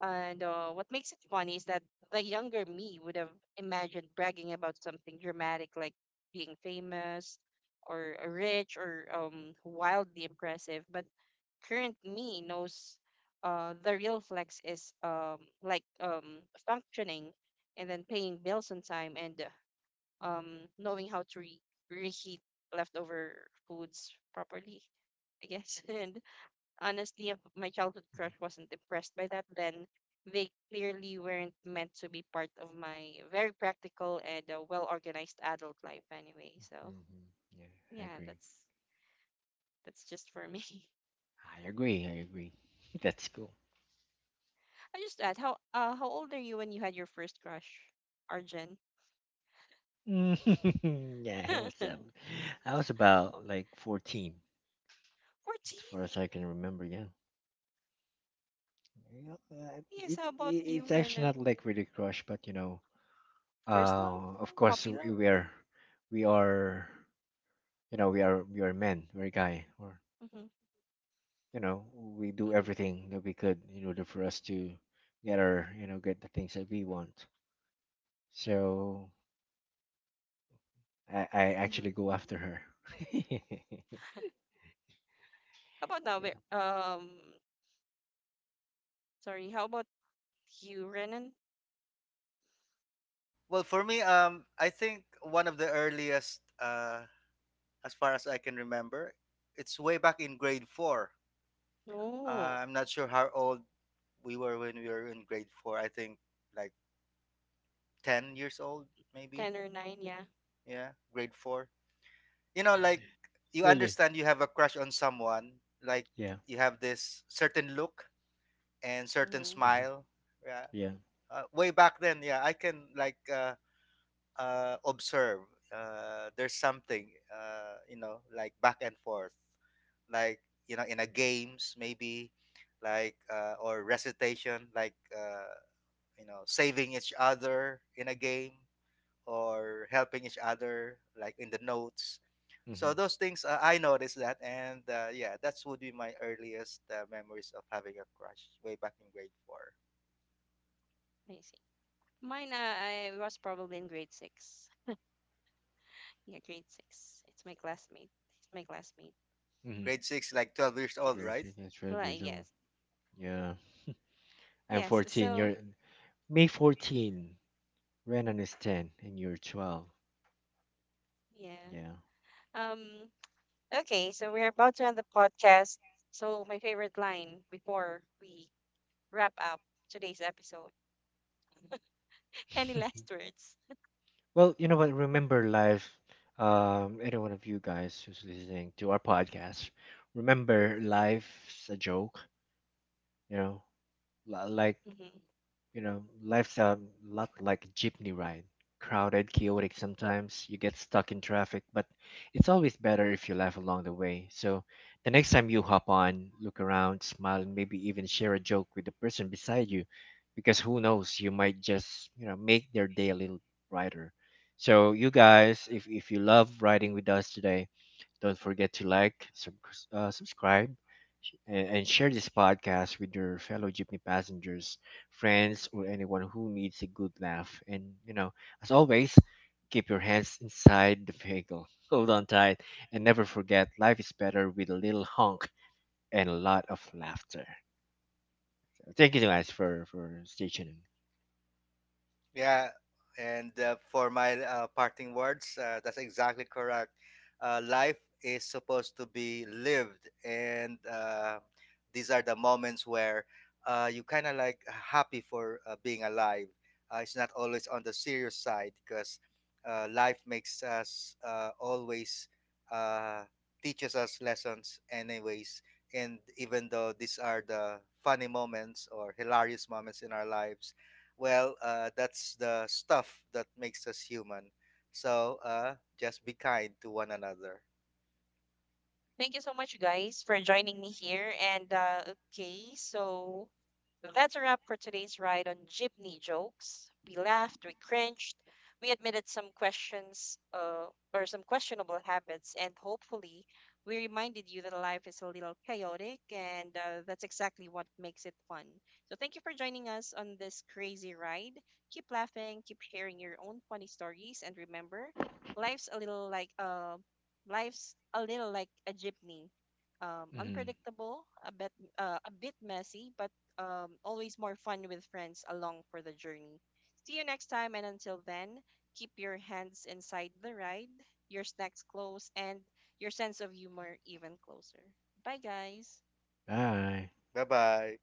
And what makes it funny is that the younger me would have imagined bragging about something dramatic, like being famous, or rich, or wildly impressive. But current me knows, the real flex is, like, functioning and then paying bills on time, and knowing how to reheat leftover foods properly, I guess. And honestly, if my childhood crush wasn't impressed by that, then they clearly weren't meant to be part of my very practical and well organized adult life anyway. So Mm-hmm. Yeah, I yeah, agree. that's just for me. I agree. I agree. That's cool. I just add, how old are you when you had your first crush, Arjen? Yeah, I was about like 14, as 14. far as I can remember. Yeah. Yeah, Yes. it, How it about it's you, actually not Renan? like really crush, but you know, First love, of course puppy we love. we are, we are, you know, we are men, we're guy, or Mhm. you know, we do Mhm. everything that we could in order for us to get our, you know, get the things that we want. So I actually Mhm. go after her. Yeah, How about now? Sorry. How about you, Renan? Well, for me, I think one of the earliest, as far as I can remember, it's way back in grade 4. uh, Oh, I'm not sure how old we were when we were in grade 4. I think like 10 years old maybe. ten or nine. Yeah. Yeah, grade 4. You know, like, you really. understand you have a crush on someone. Like, Yeah. you have this certain look and certain Mhm. Hmm. smile. Yeah. Yeah. Way back then, yeah, I can like, observe there's something, you know, like back and forth, like, you know, in a games maybe, like, or recitation, like, you know, saving each other in a game or helping each other like in the notes. So Hmm. those things, I noticed that, and yeah, that's would be my earliest memories of having a crush, way back in grade four. I see. Mine, I was probably in grade 6. Yeah, grade 6. It's my classmate. It's my classmate. Hmm. Grade six, like 12 years old, Yes. right? Gracie is 12 Well, years old. yes. Yeah, I'm Yes. 14, So, you're may 14, renan is 10 and you're 12. yeah. Yeah. Um. Okay. So we're about to end the podcast. So my favorite line before we wrap up today's episode. Any last words? Well, you know what? Remember, live, any one of you guys who's listening to our podcast, remember, life's a joke. You know, like, Hmm. you know, life's a lot like a jeepney ride. Crowded, chaotic sometimes, you get stuck in traffic, but it's always better if you laugh along the way. So the next time you hop on, look around, smile, and maybe even share a joke with the person beside you, because who knows, you might just, you know, make their day a little brighter. So you guys, if you love riding with us today, don't forget to like, subscribe, and share this podcast with your fellow Jeepney passengers, friends, or anyone who needs a good laugh. And, you know, as always, keep your hands inside the vehicle. Hold on tight and never forget, life is better with a little honk and a lot of laughter. Thank you guys for stay tuned. Yeah, and for my parting words, that's exactly correct. Life is supposed to be lived, and these are the moments where you kind of like happy for being alive. It's not always on the serious side because life makes us always uh, teaches us lessons, anyways. And even though these are the funny moments or hilarious moments in our lives, well, that's the stuff that makes us human. So just be kind to one another. Thank you so much, guys, for joining me here. And okay, so that's a wrap for today's ride on Jeepney Jokes. We laughed, we cringed, we admitted some questions or some questionable habits, and hopefully, we reminded you that life is a little chaotic, and that's exactly what makes it fun. So, thank you for joining us on this crazy ride. Keep laughing, keep sharing your own funny stories, and remember, life's a little like uh, life's a little like a jeepney, Hmm. unpredictable, a bit messy, but always more fun with friends along for the journey. See you next time, and until then, keep your hands inside the ride, your snacks close, and your sense of humor even closer. Bye, guys. Bye. Bye bye.